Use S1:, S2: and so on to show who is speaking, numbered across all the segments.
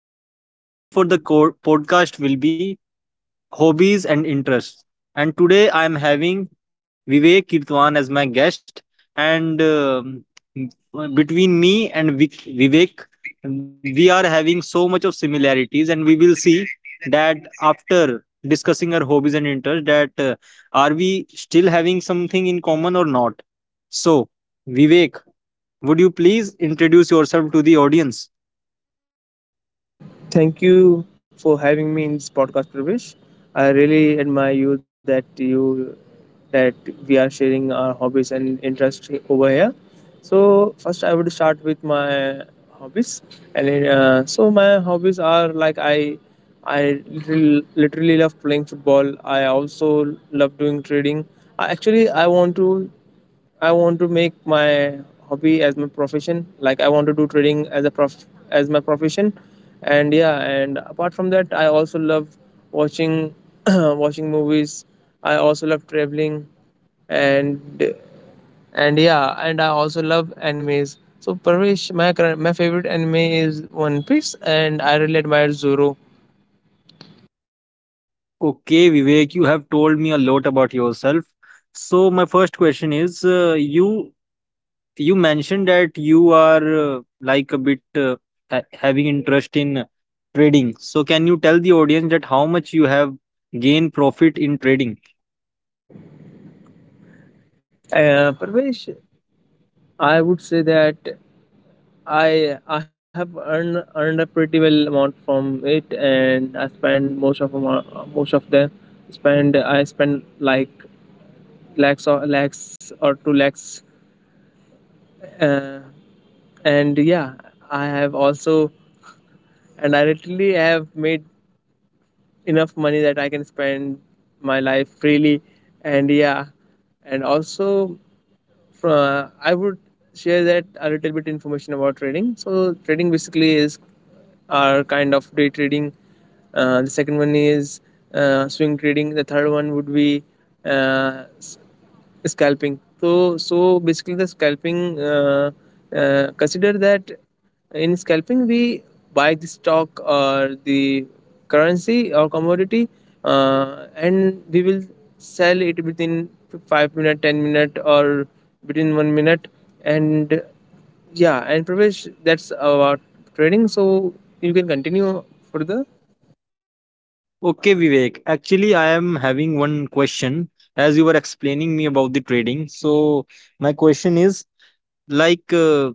S1: So, today my topic for the podcast will be hobbies and interests. And today I am having Vivek Kirtwan as my guest. And Between me and Vivek, we are having so much of similarities, and we will see that after discussing our hobbies and interests, that are we still having something in common or not? So, Vivek, would you please introduce yourself to the audience?
S2: Thank you for having me in this podcast, Pravesh. I really admire you that we are sharing our hobbies and interests over here. So first, I would start with my hobbies, and then my hobbies are like I literally love playing football. I also love doing trading. I actually I want to I want to make my hobby as my profession. Like I want to do trading as a prof as my profession, and yeah. And apart from that, I also love watching watching movies. I also love traveling, and and yeah. And I also love animes. So Parvesh, my favorite anime is One Piece, and I really admire Zoro.
S1: Okay, Vivek, you have told me a lot about yourself. So my first question is, you mentioned that you are like a bit ha having interest in trading. So can you tell the audience that how much you have gained profit in trading?
S2: Parvesh, I would say that I have earned a pretty well amount from it, and I spend most of them. Spend I spend like lakhs or lakhs or two lakhs, uh, and yeah, I have also I literally have made enough money that I can spend my life freely, and yeah, and also from, I would share that a little bit information about trading. So trading basically is our kind of day trading. The second one is swing trading. The third one would be uh, scalping. So basically the scalping consider that in scalping we buy the stock or the currency or commodity, and we will sell it within 5 minute, 10 minute, or between 1 minute. And yeah, and Pravesh, that's about trading, so you can continue further.
S1: Okay, Vivek. Actually, I am having one question as you were explaining me about the trading. So my question is like.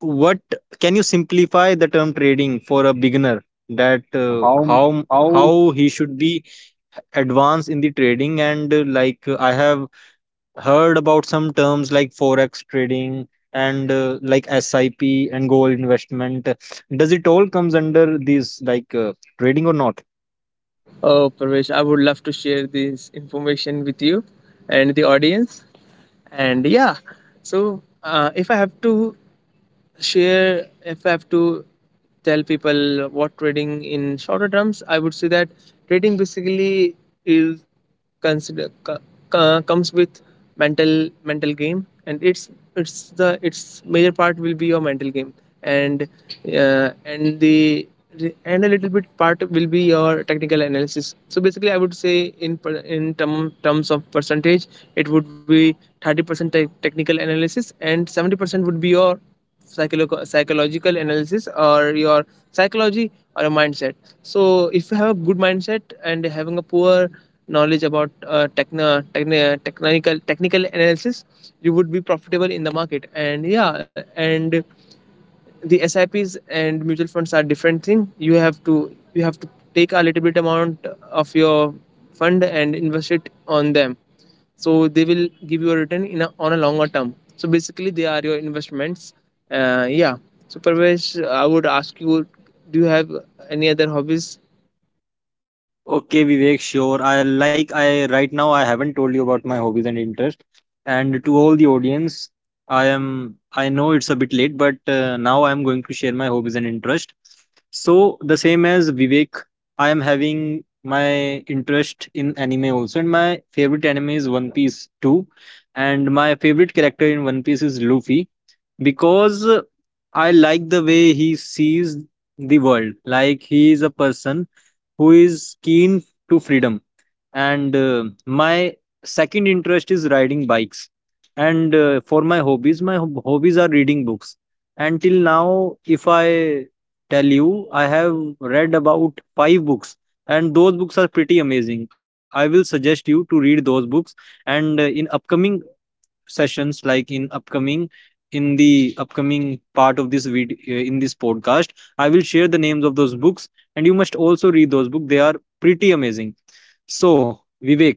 S1: What can you simplify the term trading for a beginner, that
S2: How how
S1: how he should be advanced in the trading, and like I have heard about some terms like forex trading and like sip and gold investment. Does it all comes under this, like trading or not?
S2: Oh, Pravesh, I would love to share this information with you and the audience, and yeah. So if I have to share if I have to tell people what trading in shorter terms, I would say that trading basically is consider co- comes with mental mental game, and it's the its major part will be your mental game, and and the and a little bit part will be your technical analysis. So basically, I would say in terms of percentage, it would be 30% technical analysis and 70% would be your psychological analysis, or your psychology, or your mindset. So if you have a good mindset and having a poor knowledge about techno, techni- technical technical analysis, you would be profitable in the market. And yeah, and the S I Ps and mutual funds are different thing. You have to take a little bit amount of your fund and invest it on them. So they will give you a return in on a longer term. So basically, they are your investments. Uh, yeah. So Parvesh, I would ask you, do you have any other hobbies?
S1: Okay, Vivek, sure. I right now, I haven't told you about my hobbies and interest. And to all the audience, I know it's a bit late, but now I am going to share my hobbies and interest. So, the same as Vivek, I am having my interest in anime also, and my favorite anime is One Piece too. And my favorite character in One Piece is Luffy because I like the way he sees the world. Like, he is a person who is keen to freedom, and my second interest is riding bikes, and for my hobbies, my hobbies are reading books, and till now, if I tell you, I have read about 5 books, and those books are pretty amazing. I will suggest you to read those books, and in upcoming sessions, like in the upcoming part of this video, in this podcast, I will share the names of those books, and you must also read those books. They are pretty amazing. So, Vivek,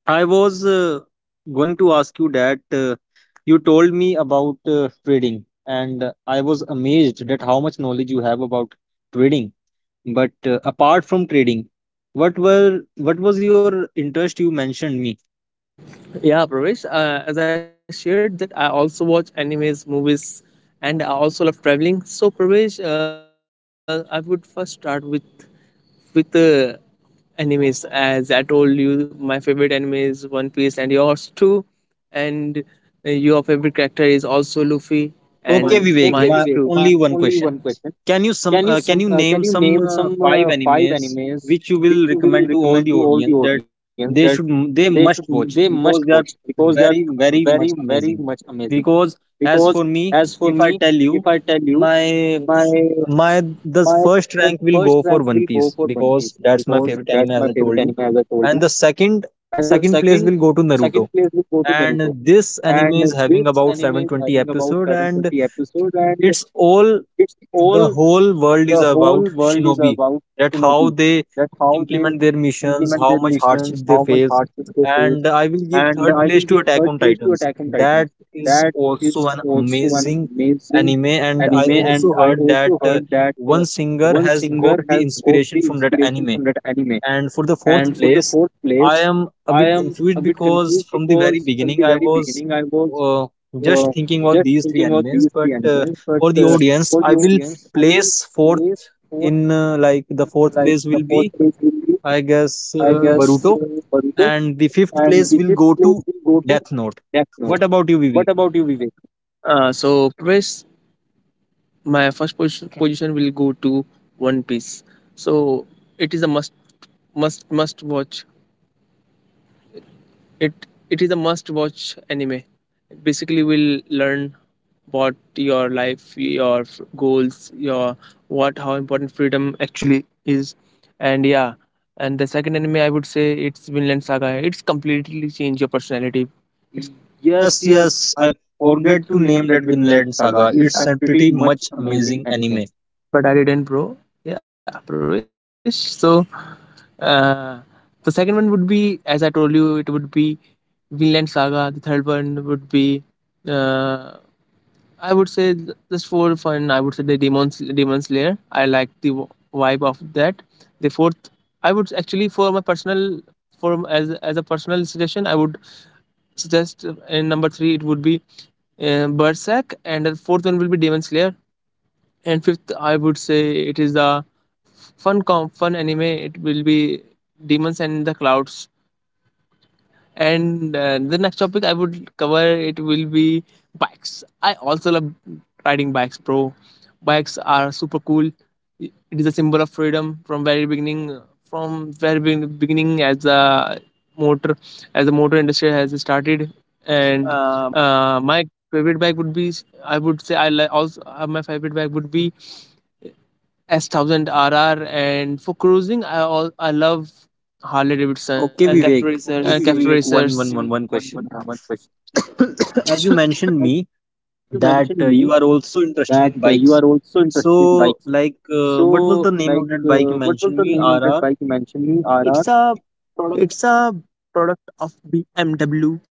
S1: I was going to ask you that you told me about trading, and I was amazed that how much knowledge you have about trading. But apart from trading, what were what was your interest you mentioned me?
S2: Yeah, Pravesh. As I shared, that I also watch animes, movies, and I also love traveling. So, Pravesh, I would first start with with uh, animes. As I told you, my favorite anime is One Piece, and yours too. And your favorite character is also Luffy.
S1: O- and
S2: O-
S1: Okay,
S2: and
S1: okay,
S2: Okay,
S1: Vivek,
S2: mine's Vivek,
S1: my
S2: too. My
S1: only one
S2: only one
S1: question.
S2: question.
S1: Can you
S2: Can you
S1: name some
S2: name some
S1: five
S2: five
S1: animes
S2: animes
S1: which you will
S2: which you
S1: recommend
S2: will
S1: to all
S2: recommend
S1: the
S2: to all the
S1: audience, that
S2: audience, that
S1: they should,
S2: they
S1: they
S2: should,
S1: must
S2: they
S1: watch,
S2: must
S1: because
S2: watch
S1: they are
S2: because they are
S1: very, very
S2: very,
S1: much
S2: very
S1: amazing?
S2: much amazing.
S1: Because as
S2: Because
S1: for me,
S2: as for
S1: if I
S2: me,
S1: tell you,
S2: if I tell you,
S1: my
S2: my
S1: my the
S2: my
S1: first
S2: the
S1: rank will
S2: first
S1: go
S2: rank
S1: for One
S2: will go
S1: Piece
S2: for One
S1: because
S2: Piece
S1: that's my
S2: because
S1: favorite
S2: that's
S1: anime,
S2: my
S1: as I
S2: favorite
S1: told
S2: anime,
S1: you,
S2: as I told you.
S1: and the
S2: And the second
S1: second place
S2: second
S1: will
S2: place
S1: go to
S2: will go to
S1: Naruto.
S2: Naruto.
S1: And
S2: And
S1: this
S2: this
S1: anime
S2: anime
S1: is
S2: is
S1: having
S2: having about
S1: about
S2: 720
S1: 720
S2: episodes,
S1: episode,
S2: and
S1: and
S2: it's
S1: it's
S2: all
S1: all, the
S2: the whole
S1: whole
S2: world
S1: world
S2: is
S1: is
S2: about
S1: about
S2: shinobi.
S1: shinobi,
S2: That
S1: that how
S2: how they
S1: they
S2: implement
S1: implement
S2: their
S1: their missions,
S2: missions,
S1: how
S2: how much
S1: much hardship
S2: hardship they
S1: they
S2: face.
S1: face.
S2: And
S1: And
S2: I
S1: I will
S2: will
S1: give
S2: give third
S1: third
S2: place
S1: place
S2: to
S1: to Attack
S2: Attack
S1: on
S2: on Titans.
S1: Titans.
S2: That
S1: That
S2: is
S1: is also
S2: also an
S1: an amazing
S2: amazing
S1: anime,
S2: anime,
S1: and I
S2: and
S1: also
S2: I
S1: heard that
S2: also heard that
S1: one singer
S2: one
S1: has got
S2: singer
S1: the
S2: has got the
S1: inspiration from that
S2: inspiration
S1: anime.
S2: from that anime.
S1: And for the
S2: And
S1: fourth
S2: for the
S1: place,
S2: fourth place,
S1: I am a
S2: I
S1: bit
S2: am a
S1: confused
S2: bit
S1: because
S2: confused
S1: from the very
S2: because from the
S1: beginning I
S2: very
S1: was
S2: beginning I was
S1: uh, just
S2: uh,
S1: thinking about
S2: just
S1: these three
S2: thinking of these
S1: animes.
S2: three
S1: But
S2: animals, but
S1: for the audience,
S2: for the
S1: I will
S2: audience, I will
S1: place fourth
S2: place fourth,
S1: in, like the fourth
S2: like
S1: place
S2: the
S1: will
S2: fourth
S1: be,
S2: place will be,
S1: I guess,
S2: I guess,
S1: Baruto,
S2: Boruto,
S1: and the fifth
S2: and the
S1: place will
S2: fifth
S1: go
S2: place
S1: to
S2: will go to
S1: Death Note.
S2: Death Note.
S1: What about you,
S2: What
S1: Vivek?
S2: about you, Vivek? So first, my first position will go to One Piece. So it is a must watch. It is a must watch anime. Basically, we'll learn what your life your f- goals your what how important freedom actually is. And yeah, and the second anime, I would say it's Vinland Saga. It's completely changed your personality.
S1: Yes, yes, I
S2: Yes, yes. I
S1: forget to name that
S2: forget to
S1: Vinland
S2: name that
S1: Saga.
S2: Vinland
S1: It's a
S2: Saga.
S1: pretty
S2: It's
S1: much
S2: a pretty
S1: amazing
S2: much
S1: anime.
S2: amazing anime. But I didn't, bro. Yeah, bro. So, uh, the second one would be, as I told you, it would be Vinland Saga. The third one would be, uh, I would say, just for fun, I would say Demon Slayer. I like the vibe of that. The fourth, I would actually, for my personal, as a personal suggestion, I would suggest in number three it would be Berserk, and the fourth one will be Demon Slayer, and fifth I would say it is the fun anime. It will be Demons and the Clouds. And the next topic I would cover, it will be bikes. I also love riding bikes, bro. Bikes are super cool. It is a symbol of freedom from very beginning, beginning, motor as the motor industry has started.
S1: And
S2: And
S1: uh,
S2: my favorite bike would be, I would say I li- also my favorite bike would be S thousand RR, and for cruising, I love Harley Davidson.
S1: Okay, Vivek.
S2: Okay, Cafe Vivek.
S1: Temperatures. Okay,
S2: Racers.
S1: Vivek.
S2: Okay, Vivek,
S1: One, one,
S2: One,
S1: one,
S2: one,
S1: one
S2: one
S1: question.
S2: question. As
S1: As you
S2: you mentioned
S1: mentioned
S2: me
S1: me
S2: that
S1: that
S2: you
S1: you are
S2: are also
S1: also interested
S2: interested in
S1: in
S2: bikes.
S1: bikes.
S2: So,
S1: So,
S2: like,
S1: like,
S2: what
S1: what was
S2: was
S1: the
S2: the
S1: name
S2: name of
S1: of
S2: that
S1: that
S2: bike
S1: bike you
S2: you
S1: mentioned
S2: mentioned me?
S1: me? RR.
S2: RR.
S1: It's
S2: It's
S1: a
S2: a
S1: product.
S2: product of BMW, and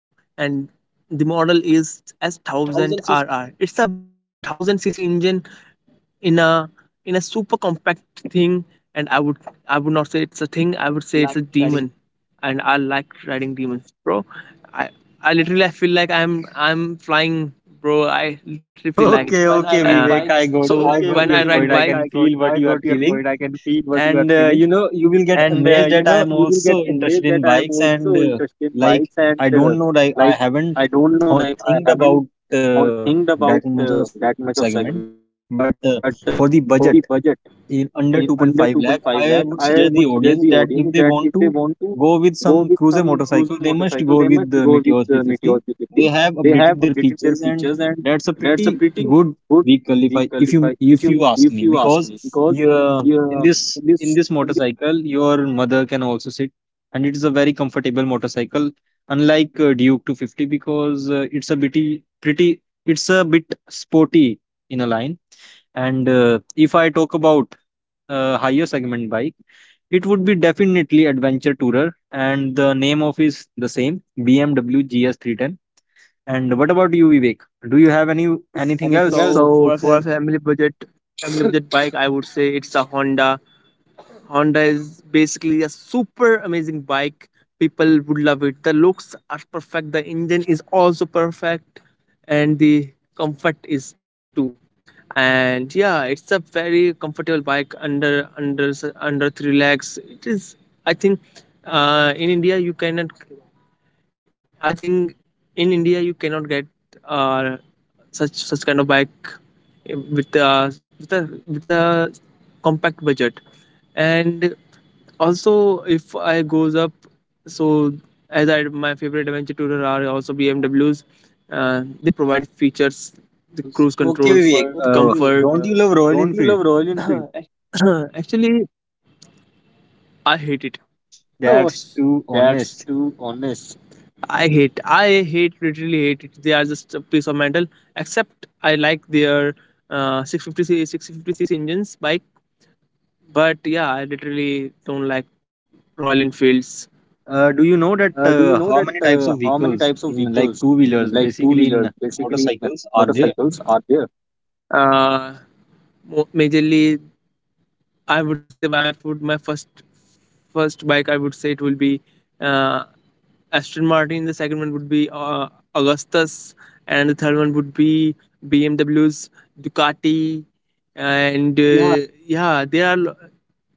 S2: the model is S
S1: It's
S2: thousand
S1: a thousand
S2: RR.
S1: cc.
S2: It's a thousand cc engine in a in a super compact thing. And I would, I would not say it's a thing, I would
S1: I
S2: say it's
S1: like
S2: a
S1: riding.
S2: demon. And I like riding demons, bro. I i literally, I feel like I'm flying, bro. I literally feel
S1: So,
S2: like it.
S1: Okay, when I okay, ride Vivek.
S2: uh,
S1: I bikes, got, I
S2: Okay,
S1: got
S2: when
S1: your
S2: I, okay, ride
S1: point.
S2: Vivek,
S1: I
S2: bike,
S1: can feel what
S2: I
S1: you are
S2: got your
S1: feeling.
S2: point. I can feel what
S1: And
S2: you are
S1: you
S2: feeling.
S1: know, you will get amazed
S2: And
S1: that I am
S2: you know you
S1: also
S2: will get
S1: interested in
S2: amazed that I
S1: bikes,
S2: am
S1: and
S2: also interested in
S1: like,
S2: bikes. And
S1: I don't know, like,
S2: like,
S1: I
S2: I
S1: haven't
S2: don't know, like, I haven't
S1: think
S2: or
S1: about
S2: think about
S1: that much of
S2: that much
S1: segment.
S2: of segment,
S1: But
S2: but
S1: for the
S2: for the
S1: budget,
S2: budget
S1: in
S2: in
S1: under
S2: under
S1: 2.5
S2: 2.5
S1: lakh,
S2: lakh, I
S1: I would
S2: would
S1: suggest
S2: suggest
S1: the
S2: the
S1: audience
S2: audience
S1: that
S2: that if
S1: if they
S2: they
S1: want
S2: want to
S1: to
S2: go
S1: go with
S2: with some
S1: some cruiser
S2: cruiser
S1: motorcycle,
S2: motorcycle,
S1: they
S2: they must
S1: must
S2: go
S1: go with
S2: with
S1: the
S2: Meteor
S1: Meteor
S2: 350.
S1: 350. They
S2: They
S1: have
S2: have updated
S1: updated their
S2: their
S1: features,
S2: features,
S1: and
S2: and
S1: that's
S2: that's
S1: a
S2: a pretty
S1: pretty
S2: good
S1: good
S2: big
S1: vehicle,
S2: qualify,
S1: if
S2: if you,
S1: you, if
S2: if
S1: you
S2: you
S1: ask
S2: ask
S1: me,
S2: me
S1: because
S2: because
S1: you,
S2: yeah,
S1: in
S2: in this.
S1: this, in this motorcycle your mother can also sit, and it is a very comfortable motorcycle, unlike Duke 250, because it's a bitty pretty it's a bit sporty in a line. And if I talk about higher segment bike, it would be definitely Adventure Tourer, and the name of is the same, BMW GS310. And what about you, Vivek? Do you
S2: Do
S1: have
S2: you have
S1: any
S2: any
S1: anything else?
S2: anything else?
S1: So
S2: So
S1: four of
S2: for
S1: them
S2: a family budget, family budget bike, I would say it's a Honda. Honda is basically a super amazing bike. People would love it. The looks are perfect. The engine is also perfect, and the comfort is too. And yeah, it's a very comfortable bike under three lakhs. It is. I think in India you cannot I think in India you cannot get uh, such kind of bike, with a compact budget. And also if I goes up, so as I, my favorite adventure tourer are also BMWs. They provide the features, the
S1: goes.
S2: cruise
S1: Okay,
S2: controls,
S1: Vivek.
S2: the Okay,
S1: For
S2: comfort.
S1: Don't you love Royal
S2: Don't you
S1: Enfield?
S2: love Royal
S1: Oh,
S2: Enfield? Actually, I hate it. Oh,
S1: that's too
S2: that's
S1: honest.
S2: too honest. Literally hate it. They are just a piece of metal. Except I like their 650cc engines bike, but yeah, I literally don't like Royal Enfields.
S1: Do
S2: Do
S1: you
S2: you
S1: know
S2: know
S1: that
S2: that
S1: how
S2: how
S1: many
S2: many
S1: types
S2: types
S1: of
S2: of vehicles,
S1: vehicles, in
S2: like
S1: like two
S2: two wheelers,
S1: wheelers, basically
S2: basically
S1: in motorcycles,
S2: motorcycles,
S1: are
S2: are
S1: there?
S2: there? Uh, Majorly, I would say I would my first bike, I would say it will be uh, Aston Martin. The second one would be Augustus, and the third one would be BMW's Ducati,
S1: and uh,
S2: and
S1: yeah,
S2: yeah, there are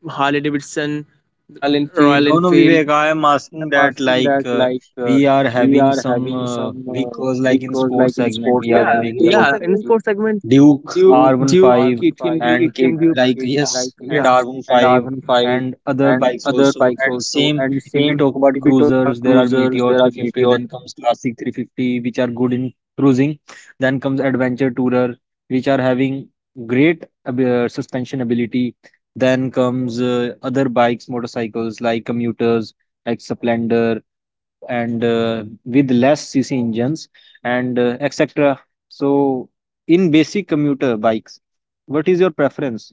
S2: Harley Davidson,
S1: Royal Enfield.
S2: Royal
S1: No, no,
S2: Enfield.
S1: Vivek, I am asking
S2: I'm
S1: that,
S2: asking
S1: like
S2: that like,
S1: we are
S2: we
S1: having
S2: are
S1: some
S2: having some
S1: because
S2: big
S1: like, in
S2: cause like
S1: sports
S2: in sports
S1: segment, we are,
S2: segment
S1: yeah,
S2: we are
S1: having in
S2: yeah, in
S1: the
S2: the having sports
S1: segment,
S2: segment,
S1: Duke,
S2: R15,
S1: R15 KTM
S2: KTM
S1: Duke.
S2: Duke.
S1: and
S2: It
S1: Duke,
S2: like
S1: like,
S2: yeah, yes
S1: yes, and
S2: and R15
S1: R15
S2: and
S1: and other
S2: other
S1: bikes
S2: bikes
S1: also.
S2: also.
S1: And
S2: And same
S1: same,
S2: if
S1: if we
S2: we
S1: talk
S2: talk about
S1: about cruisers,
S2: cruisers,
S1: there
S2: there are
S1: are
S2: Meteor.
S1: Meteor 350, then comes Classic 350, which are good in cruising. Then comes Adventure Tourer, which are having great suspension ability. Then comes other bikes, motorcycles like commuters, like Splendor and with less cc engines and etc. So in basic commuter bikes, what is your preference?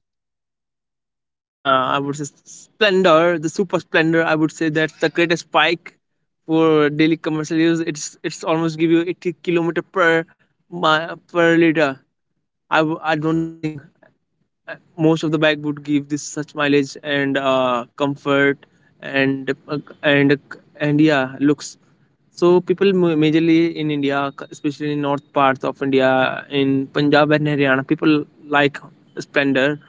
S2: I would say Splendor, the Super Splendor. I would say that's the greatest bike for daily commercial use. It's almost give you 80 kilometer per liter. I don't think most of the bike would give this such mileage and comfort and and yeah looks. So people majorly in India, especially in north parts of India, in Punjab and Haryana, people like Splendor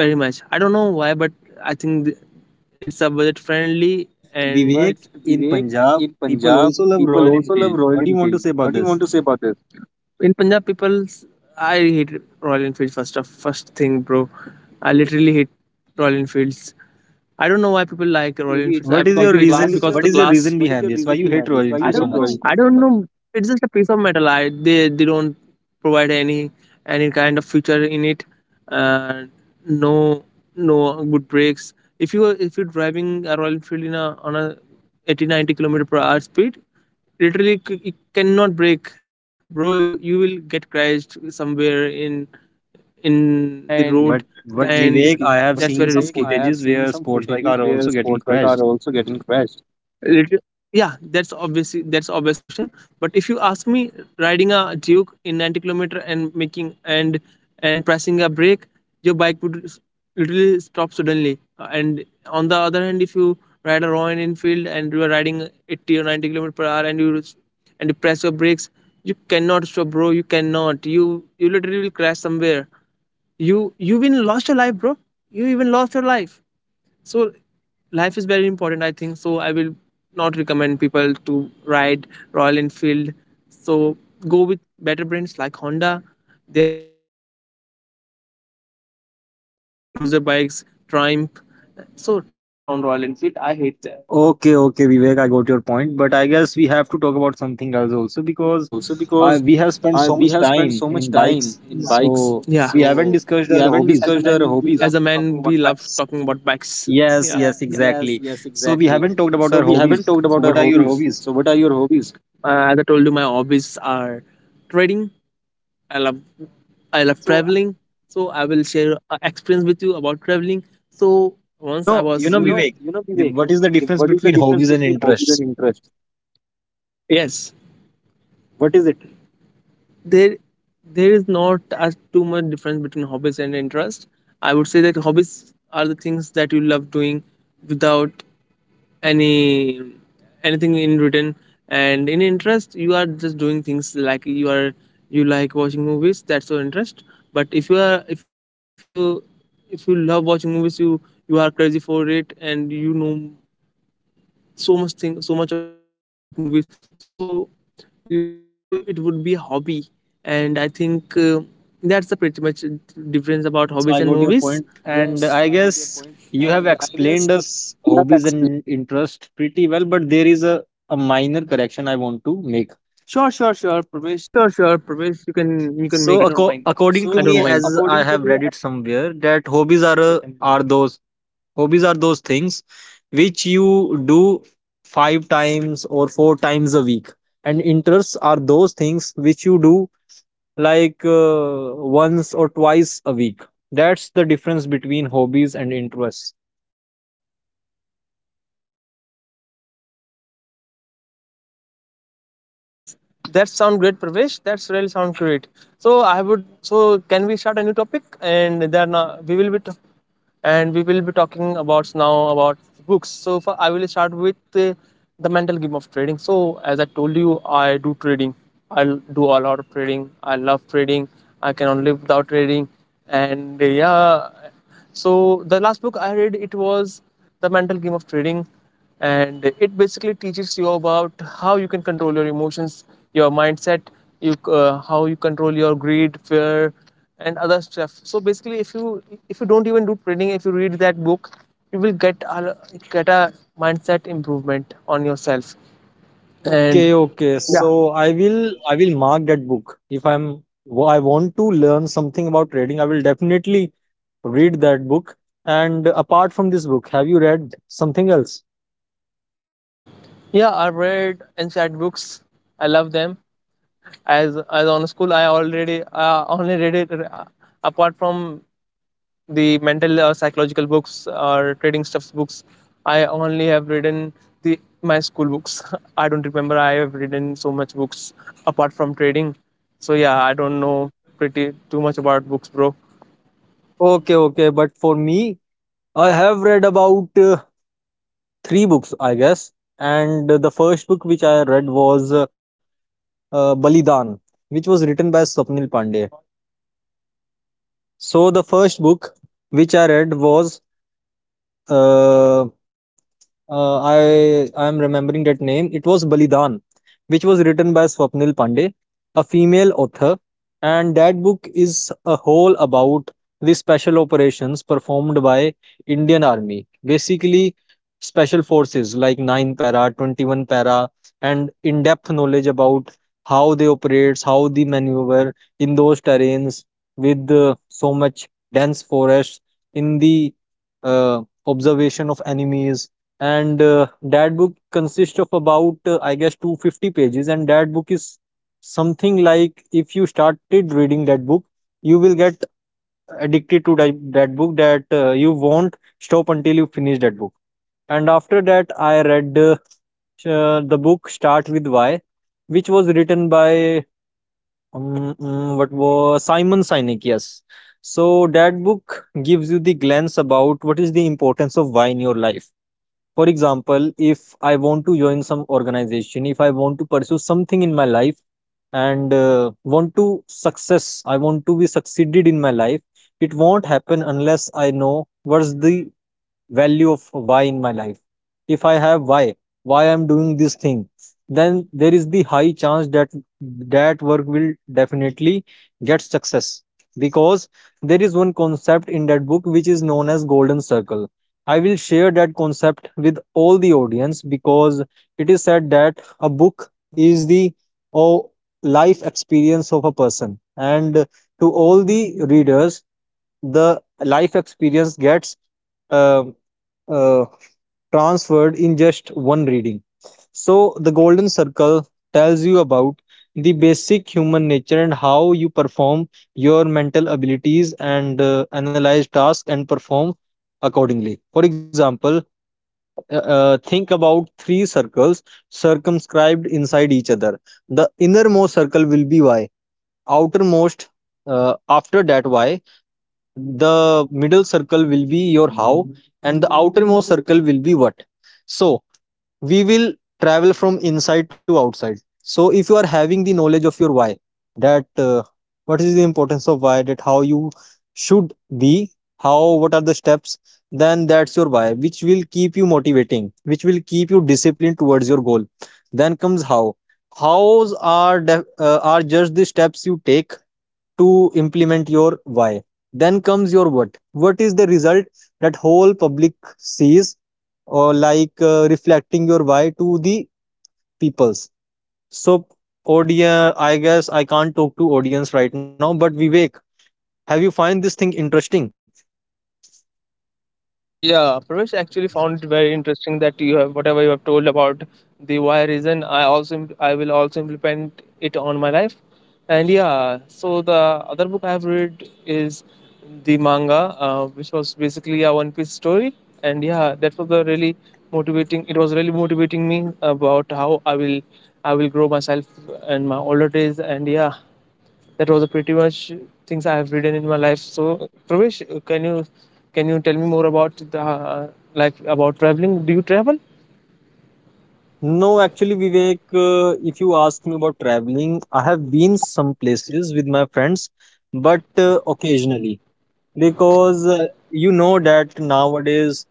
S2: very much. I don't know why, but I think
S1: It's a budget friend.
S2: it's a budget
S1: and
S2: friendly.
S1: but
S2: And But
S1: Vivek,
S2: it's
S1: in
S2: Vivek,
S1: Punjab,
S2: in
S1: people
S2: Punjab,
S1: also love
S2: people
S1: Royal
S2: also love
S1: Enfield. What
S2: Royal
S1: do you want
S2: Enfield.
S1: to say about
S2: What do you
S1: this?
S2: want to say about this? In Punjab, people, I hate Royal Enfield, first thing, bro. I literally hate Royal Enfields. I don't know why people like Royal
S1: Maybe it's,
S2: Enfields. I,
S1: what is, because your of
S2: maybe it's What
S1: reason
S2: is
S1: class.
S2: because your of the
S1: What
S2: reason?
S1: is your
S2: Class.
S1: reason
S2: What is
S1: behind
S2: your
S1: this, why
S2: reason
S1: you hate
S2: behind this?
S1: Royal I
S2: Why you
S1: Enfield so
S2: hate
S1: don't much
S2: Royal
S1: know.
S2: I Enfield so don't much? Know. It's just a piece of metal. I they don't provide any kind of feature in it. Uh, no, no good brakes. If you're driving a Royal Enfield in a on a 80 90 kilometer per hour speed, literally it cannot break, bro. You will get crashed somewhere in the
S1: And but
S2: road,
S1: but that's it.
S2: and
S1: Vivek,
S2: But
S1: I have
S2: that's
S1: seen
S2: very Vivek,
S1: some
S2: risky. I have
S1: footages
S2: seen
S1: where
S2: some
S1: sports bike are
S2: footages
S1: also
S2: where
S1: getting
S2: sports bike are
S1: crashed.
S2: also getting crashed. Yeah, that's obvious question. But if you ask me, riding a Duke in 90 kilometer and making and pressing a brake, your bike would literally stop suddenly. And on the other hand, if you ride a Royal Enfield and you are riding 80 or 90 kilometer per hour and and you press your brakes, you cannot stop, bro. You cannot. You literally will crash somewhere. You even lost your life, bro. You even lost your life. So life is very important, I think. So I will not recommend people to ride Royal Enfield. So go with better brands like Honda. There are also better uh, cruiser bikes, Triumph. So ride
S1: Don't
S2: them,
S1: trust on
S2: don't
S1: Royal
S2: trust on
S1: Enfield. I
S2: Royal
S1: hate
S2: Enfield,
S1: that.
S2: I hate
S1: Okay,
S2: them.
S1: okay,
S2: Okay,
S1: Vivek, I
S2: okay,
S1: got your
S2: Vivek, I
S1: point,
S2: got
S1: but
S2: your
S1: I guess
S2: point,
S1: we
S2: but
S1: have
S2: I
S1: to talk
S2: guess
S1: about
S2: we have to
S1: something
S2: talk
S1: else
S2: about
S1: also,
S2: something else
S1: because
S2: also because
S1: we have spent so
S2: we
S1: much
S2: have spent
S1: time
S2: so much
S1: in
S2: time
S1: bikes.
S2: in
S1: Yeah,
S2: bikes,
S1: so
S2: yeah,
S1: we haven't
S2: so
S1: discussed
S2: we
S1: our
S2: haven't
S1: hobbies. As a
S2: discussed our
S1: man,
S2: hobbies.
S1: we
S2: As a
S1: love
S2: man,
S1: talking
S2: we
S1: about
S2: love
S1: bikes.
S2: talking about bikes. Yeah.
S1: Yes, yes,
S2: Yes,
S1: exactly.
S2: yes,
S1: So we
S2: exactly.
S1: haven't talked
S2: So
S1: about
S2: we
S1: our
S2: haven't talked
S1: hobbies.
S2: about our
S1: So what are your
S2: hobbies. So
S1: hobbies?
S2: what are your hobbies? As I told you, my hobbies are trading. I love, I
S1: Traveling.
S2: love
S1: So
S2: traveling. So I will share a experience with you about traveling.
S1: I
S2: So
S1: was,
S2: once I was
S1: Vivek,
S2: you know, Vivek.
S1: what is the difference
S2: What is the
S1: between
S2: difference
S1: hobbies and
S2: between hobbies
S1: interests?
S2: and interest? Yes,
S1: What is it?
S2: what is it? there there is not as too much difference between hobbies and interest. I would say that hobbies are the things that you love doing without any anything in return. And in interest, you are just doing things like you are, you like watching movies, that's your interest. But if you are, if you, if you love watching movies, you are crazy for it, and you know so much thing, so much about movies. So so it would be a hobby. And I think that's the pretty much difference about hobbies and movies.
S1: Yes, I got your
S2: Yes,
S1: point.
S2: I got your
S1: And
S2: point,
S1: I
S2: and
S1: guess
S2: I
S1: you
S2: guess
S1: have
S2: you
S1: explained
S2: have
S1: us
S2: explained.
S1: hobbies and interest pretty well, but there is a minor correction I want to make. Sure, sure, sure,
S2: Sure,
S1: Pramesh.
S2: sure, sure, Pravesh, you can make
S1: So I
S2: it.
S1: don't mind.
S2: So,
S1: According
S2: I
S1: to
S2: don't
S1: me,
S2: acco- mind
S1: as
S2: according
S1: I
S2: to
S1: have
S2: me,
S1: read it somewhere, that hobbies are a, are those, hobbies are those things which you do five times or four times a week, and interests are those things which you do like once or twice a week. That's the difference between hobbies and interests.
S2: that's that sound great Pravesh, that's really sound great. So I would, so can we start a new topic, and then we will be t- and we will be talking about now about books. So for, I will start with the mental game of trading. So as I told you, I do trading. I do a lot of trading. I love trading. I cannot live without trading. And yeah, so the last book I read it was the mental game of trading, and it basically teaches you about how you can control your emotions, your mindset, you how you control your greed, fear, and other stuff. So basically, if you, if you don't even do trading, if you read that book, you will get a mindset improvement on yourself. And
S1: Okay, okay. So I will, I will mark that book. If I'm I want to learn something about trading, I will definitely read that book. And apart from this book, have you read something else?
S2: yeah, I read insight books. I love them. As on school, I already only read it apart from the mental or psychological books or trading stuffs books. I only have written the my school books. I don't remember I have written so much books apart from trading. So yeah, I don't know pretty too much about books, bro.
S1: Okay, okay. But for me, I have read about three books, I guess. And the first book which I read was Balidan, which was written by Swapnil Pandey. So the first book which I read was uh, I am remembering that name. It was Balidan, which was written by Swapnil Pandey, a female author, and that book is a whole about the special operations performed by Indian Army, basically special forces like 9 para, 21 para, and in-depth knowledge about how they operate, how they maneuver in those terrains with so much dense forest in the observation of enemies, and that book consists of about I guess 250 pages, and that book is something like, if you started reading that book, you will get addicted to that book, that you won't stop until you finish that book. And after that i read the book Start With Why, which was written by what was Simon Sinek, yes. So that book gives you the glance about what is the importance of why in your life. For example, if I want to join some organization, if I want to pursue something in my life, and want to success, I want to be succeeded in my life, it won't happen unless I know what's the value of why in my life. If I have why I'm doing this thing, then there is the high chance that that work will definitely get success, because there is one concept in that book which is known as Golden Circle. I will share that concept with all the audience, because it is said that a book is the oh, life experience of a person, and to all the readers, the life experience gets uh, uh, transferred in just one reading. So The Golden Circle tells you about the basic human nature, and how you perform your mental abilities and analyze tasks and perform accordingly. For example, think about three circles circumscribed inside each other. The innermost circle will be Y, outermost, after that Y, the middle circle will be your how, and the outermost circle will be what. So we will travel from inside to outside. So if you are having the knowledge of your why, that what is the importance of why, that how you should be, how, what are the steps, then that's your why, which will keep you motivating, which will keep you disciplined towards your goal. Then comes how. Hows are just the steps you take to implement your why. Then comes your what. What is the result that whole public sees, or like reflecting your why to the peoples. So audience, I guess I can't talk to audience right now, but Vivek, have you find this thing interesting?
S2: Yeah, Pravesh, actually found it very interesting that you have whatever you have told about the why reason. I will also implement it on my life, and yeah. So the other book I have read is the manga, which was basically a One Piece story, and yeah, that was a really motivating. It was really motivating me about how I will grow myself in my older days, and yeah, that was a pretty much things I have written in my life. So Pravesh, can you tell me more about the like about traveling? Do you travel?
S1: No, actually, Vivek, if you ask me about traveling, I have been some places with my friends, but occasionally, because you know that nowadays,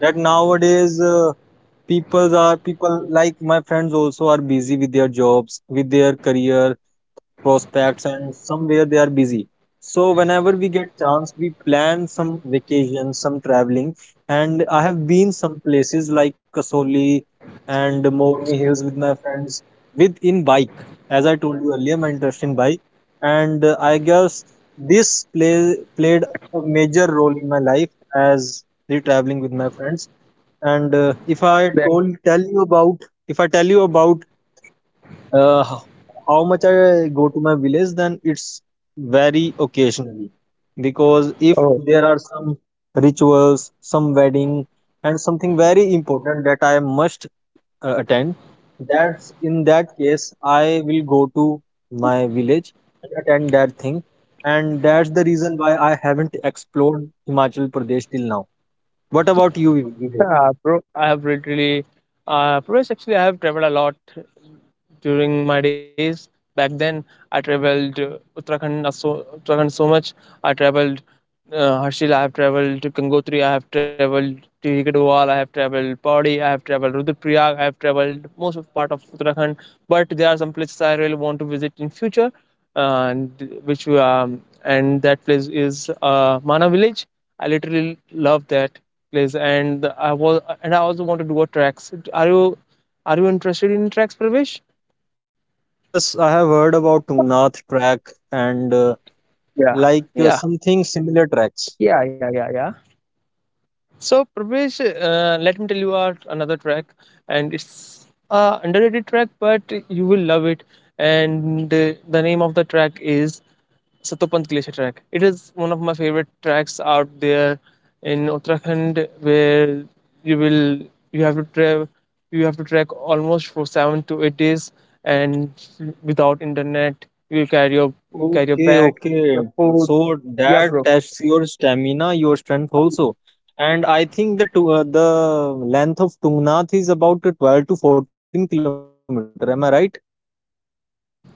S1: that nowadays uh, people are people like my friends also are busy with their jobs, with their career prospects, and somewhere they are busy. So whenever we get chance, we plan some vacations, some traveling, and I have been some places like Kasoli and Morni Hills with my friends, with in bike. As I told you earlier, my interest in bike, and I guess this play played a major role in my life, as the traveling with my friends. and uh, if i
S2: Then,
S1: told tell you about, if I tell you about uh, how how much I go to my village, then it's very occasionally. Because if
S2: oh,
S1: there are some rituals, some wedding, and something very important that I must attend, that's in that case I will go to my village and attend that thing, and that's the reason why I haven't explored Himachal Pradesh till now. What about you, Vivek?
S2: yeah, bro, I have literally, Pravesh, actually, I have traveled a lot during my days. Back then, I traveled Uttarakhand so much. I traveled Harshil, I have traveled to Gangotri, I have traveled to Hikadwal, I have traveled Pauri, I have traveled Rudraprayag, I have traveled most of part of Uttarakhand. But there are some places I really want to visit in future, and which and that place is Mana Village. I literally love that place, and I was and I also want to do a tracks. Are you interested in tracks, Pravesh?
S1: Yes, I have heard about Tungnath track and. Like
S2: Yeah.
S1: something similar tracks.
S2: So Pravesh, let me tell you our another track, and it's a underrated track, but you will love it. And the name of the track is Satopant Glacier track. It is one of my favorite tracks out there in Uttarakhand, where you will you have to travel, you have to trek almost for 7 to 8 days, and without internet, you carry your
S1: Okay,
S2: bag, your
S1: okay.
S2: food.
S1: So
S2: Yeah,
S1: that
S2: bro.
S1: tests your stamina, your strength also. And I think the length of Tungnath is about to 12 to 14 kilometer. Am I right?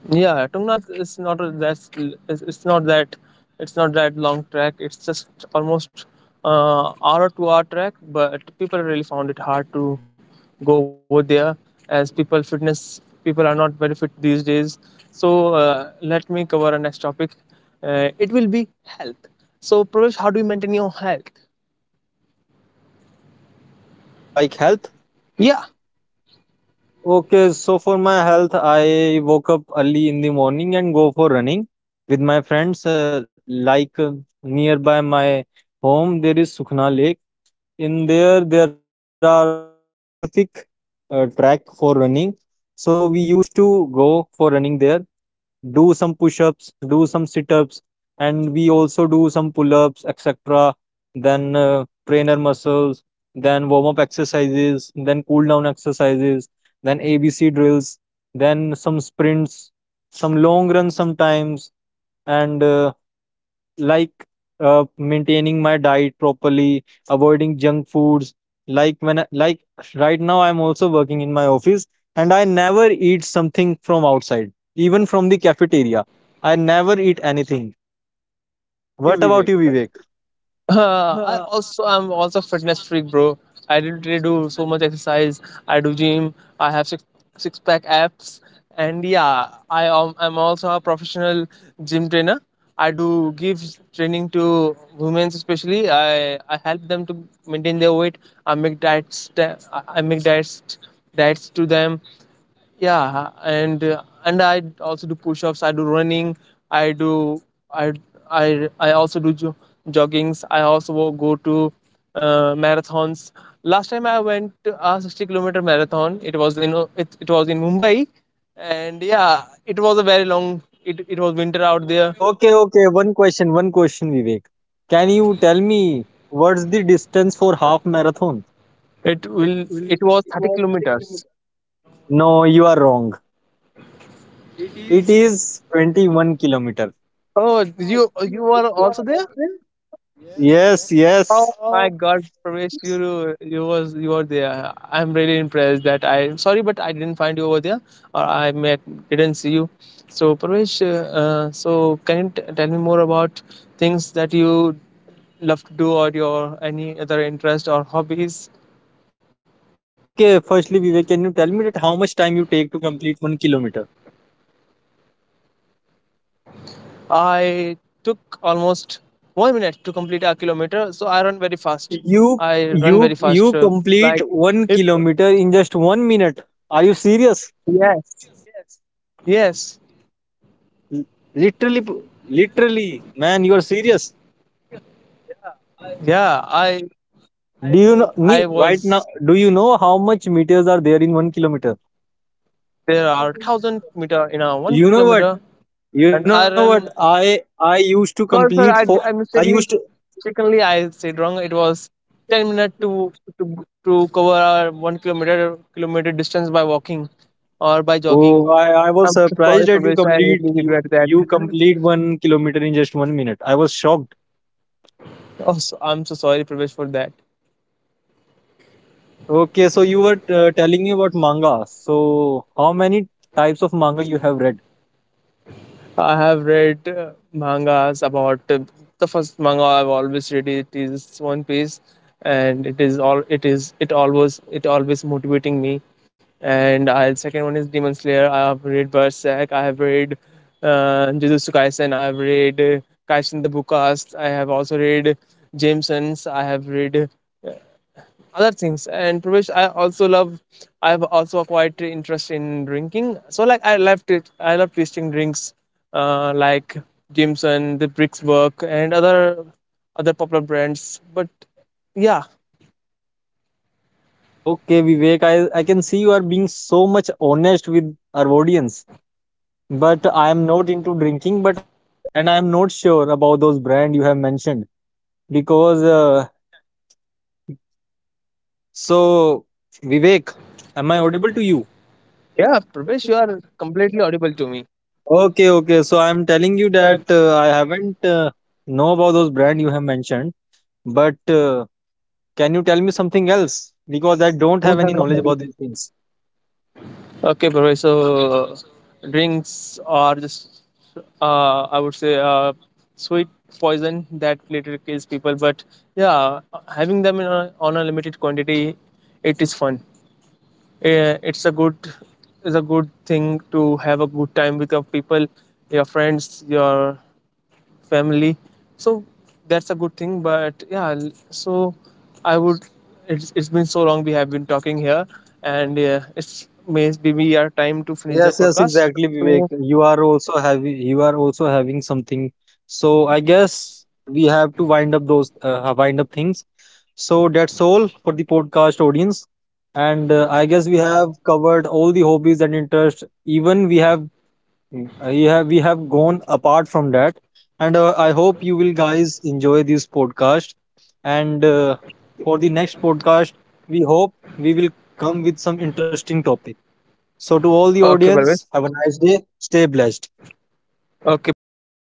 S2: Yeah, Tungnath is not a, that's it's not that, it's not that long track. It's just almost hour or 2 hour track. But people really found it hard to go over there, as people fitness people are not very fit these days. So let me cover a next topic. It will be health. So Pravesh, how do you maintain your health?
S1: Like health.
S2: Yeah.
S1: Okay, so for my health, I woke up early in the morning and go for running with my friends. Nearby my home, there is Sukhna Lake. In there, there are specific track for running, so we used to go for running there, do some push-ups, do some sit-ups, and we also do some pull-ups, etc. Then trainer muscles, then warm-up exercises, then cool-down exercises, then ABC drills, then some sprints, some long runs sometimes, and like maintaining my diet properly, avoiding junk foods. Like when I, like right now, I'm also working in my office, and I never eat something from outside, even from the cafeteria. I never eat anything.
S2: About you,
S1: What about
S2: Vivek.
S1: you, Vivek?
S2: I'm also a fitness freak, bro. I didn't really do so much exercise. I do gym. I have six pack abs, and yeah, I'm also a professional gym trainer. I do give training to women especially. I help them to maintain their weight. I make diets. I make diets to them, yeah. And I also do push-ups, I do running, i do i I also do joggings. I also go to marathons. Last time I went to a 60-kilometer marathon. It was in it was in Mumbai, and yeah, it was a very long, it was winter out there.
S1: Okay, okay. One question, Vivek. Can you tell me what's the distance for half marathon? It
S2: It
S1: will.
S2: was
S1: It
S2: 30
S1: was thirty
S2: kilometers.
S1: kilometers. No, you are wrong.
S2: It
S1: It
S2: is.
S1: is 21 kilometer.
S2: Oh, you you were also there. Yes, yes.
S1: Yes, yes.
S2: Oh my
S1: Oh.
S2: God, Pravesh, you was you were there. I'm really impressed that I sorry, but I didn't find you over there, or I met didn't see you. So Pravesh, so can you tell me more about things that you love to do or your any other interest or hobbies?
S1: Okay, firstly, Vivek, can you tell me that how much time you take to complete 1 kilometer?
S2: I took almost 1 minute to complete a kilometer, so I run very fast. I run very fast,
S1: You
S2: like
S1: you
S2: if
S1: you complete 1 kilometer in just 1 minute. Are you
S2: yes,
S1: serious?
S2: yes.
S1: L- Literally, p- literally, man, you are serious.
S2: Yeah, I
S1: Do you know
S2: was
S1: ne- right now? Do you know how much meters are there in 1 kilometer?
S2: there are 1,000 meter in a one
S1: You know what?
S2: kilometer
S1: You
S2: and
S1: know
S2: I
S1: what?
S2: run.
S1: I used to complete
S2: Sorry, sorry,
S1: four.
S2: I
S1: I used
S2: mistakenly I said wrong, it was 10 minute
S1: to.
S2: to cover our 1 kilometer distance by walking or by jogging.
S1: Oh, I was
S2: I'm so
S1: surprised
S2: sorry
S1: that you
S2: Pravesh, I
S1: complete
S2: really
S1: you
S2: regret that.
S1: you complete 1 kilometer in just 1 minute. I was shocked.
S2: Oh so, I'm so sorry Pravesh for that.
S1: Okay, so you were telling me about manga. So how many types of manga you have read?
S2: I have read mangas about the first manga I've always read it is One Piece, and it is all it is it always motivating me. And I second one is Demon Slayer. I have read Berserk. I have read Jujutsu Kaisen. I have read Kaisen the Bookcast. I have also read Jameson's. I have read other things. And Pravesh, I also love I've also acquired interest in drinking. So like I love it, I love tasting drinks, like Jameson, the Bricks Work and other popular brands. But yeah.
S1: Uh, okay, Vivek, I can see you are being so much honest with our audience. But I am not into drinking. But I, and I am not sure about those brand you have mentioned, because so Vivek, am I audible to you?
S2: Yeah, Pravesh, you are completely audible to me.
S1: Okay, okay. So I'm telling you that I haven't know about those brand you have mentioned, but can you tell me something else? Because I don't have any knowledge about these things.
S2: Okay, Pravesh, so drinks are just I would say sweet poison that later kills people, but yeah, having them in a, on a limited quantity, it is fun. Eh, it's a good, it's a good thing to have a good time with your people, your friends, your family. So that's a good thing, but yeah. So I would, it's been so long we have been talking here, and it's maybe our time to finish that
S1: Yes, yes,
S2: podcast.
S1: exactly, Vivek.
S2: So-
S1: You are also having, you are also having something. So I guess we have to wind up those wind up things. So that's all for the podcast audience. And I guess we have covered all the hobbies and interests. Even we have. Mm. Yeah, we have gone apart from that, and I hope you will guys enjoy this podcast. And for the next podcast, we hope we will come with some interesting topic. So, to all the
S2: okay Parvez.
S1: audience, have a nice day. Stay blessed.
S2: So have,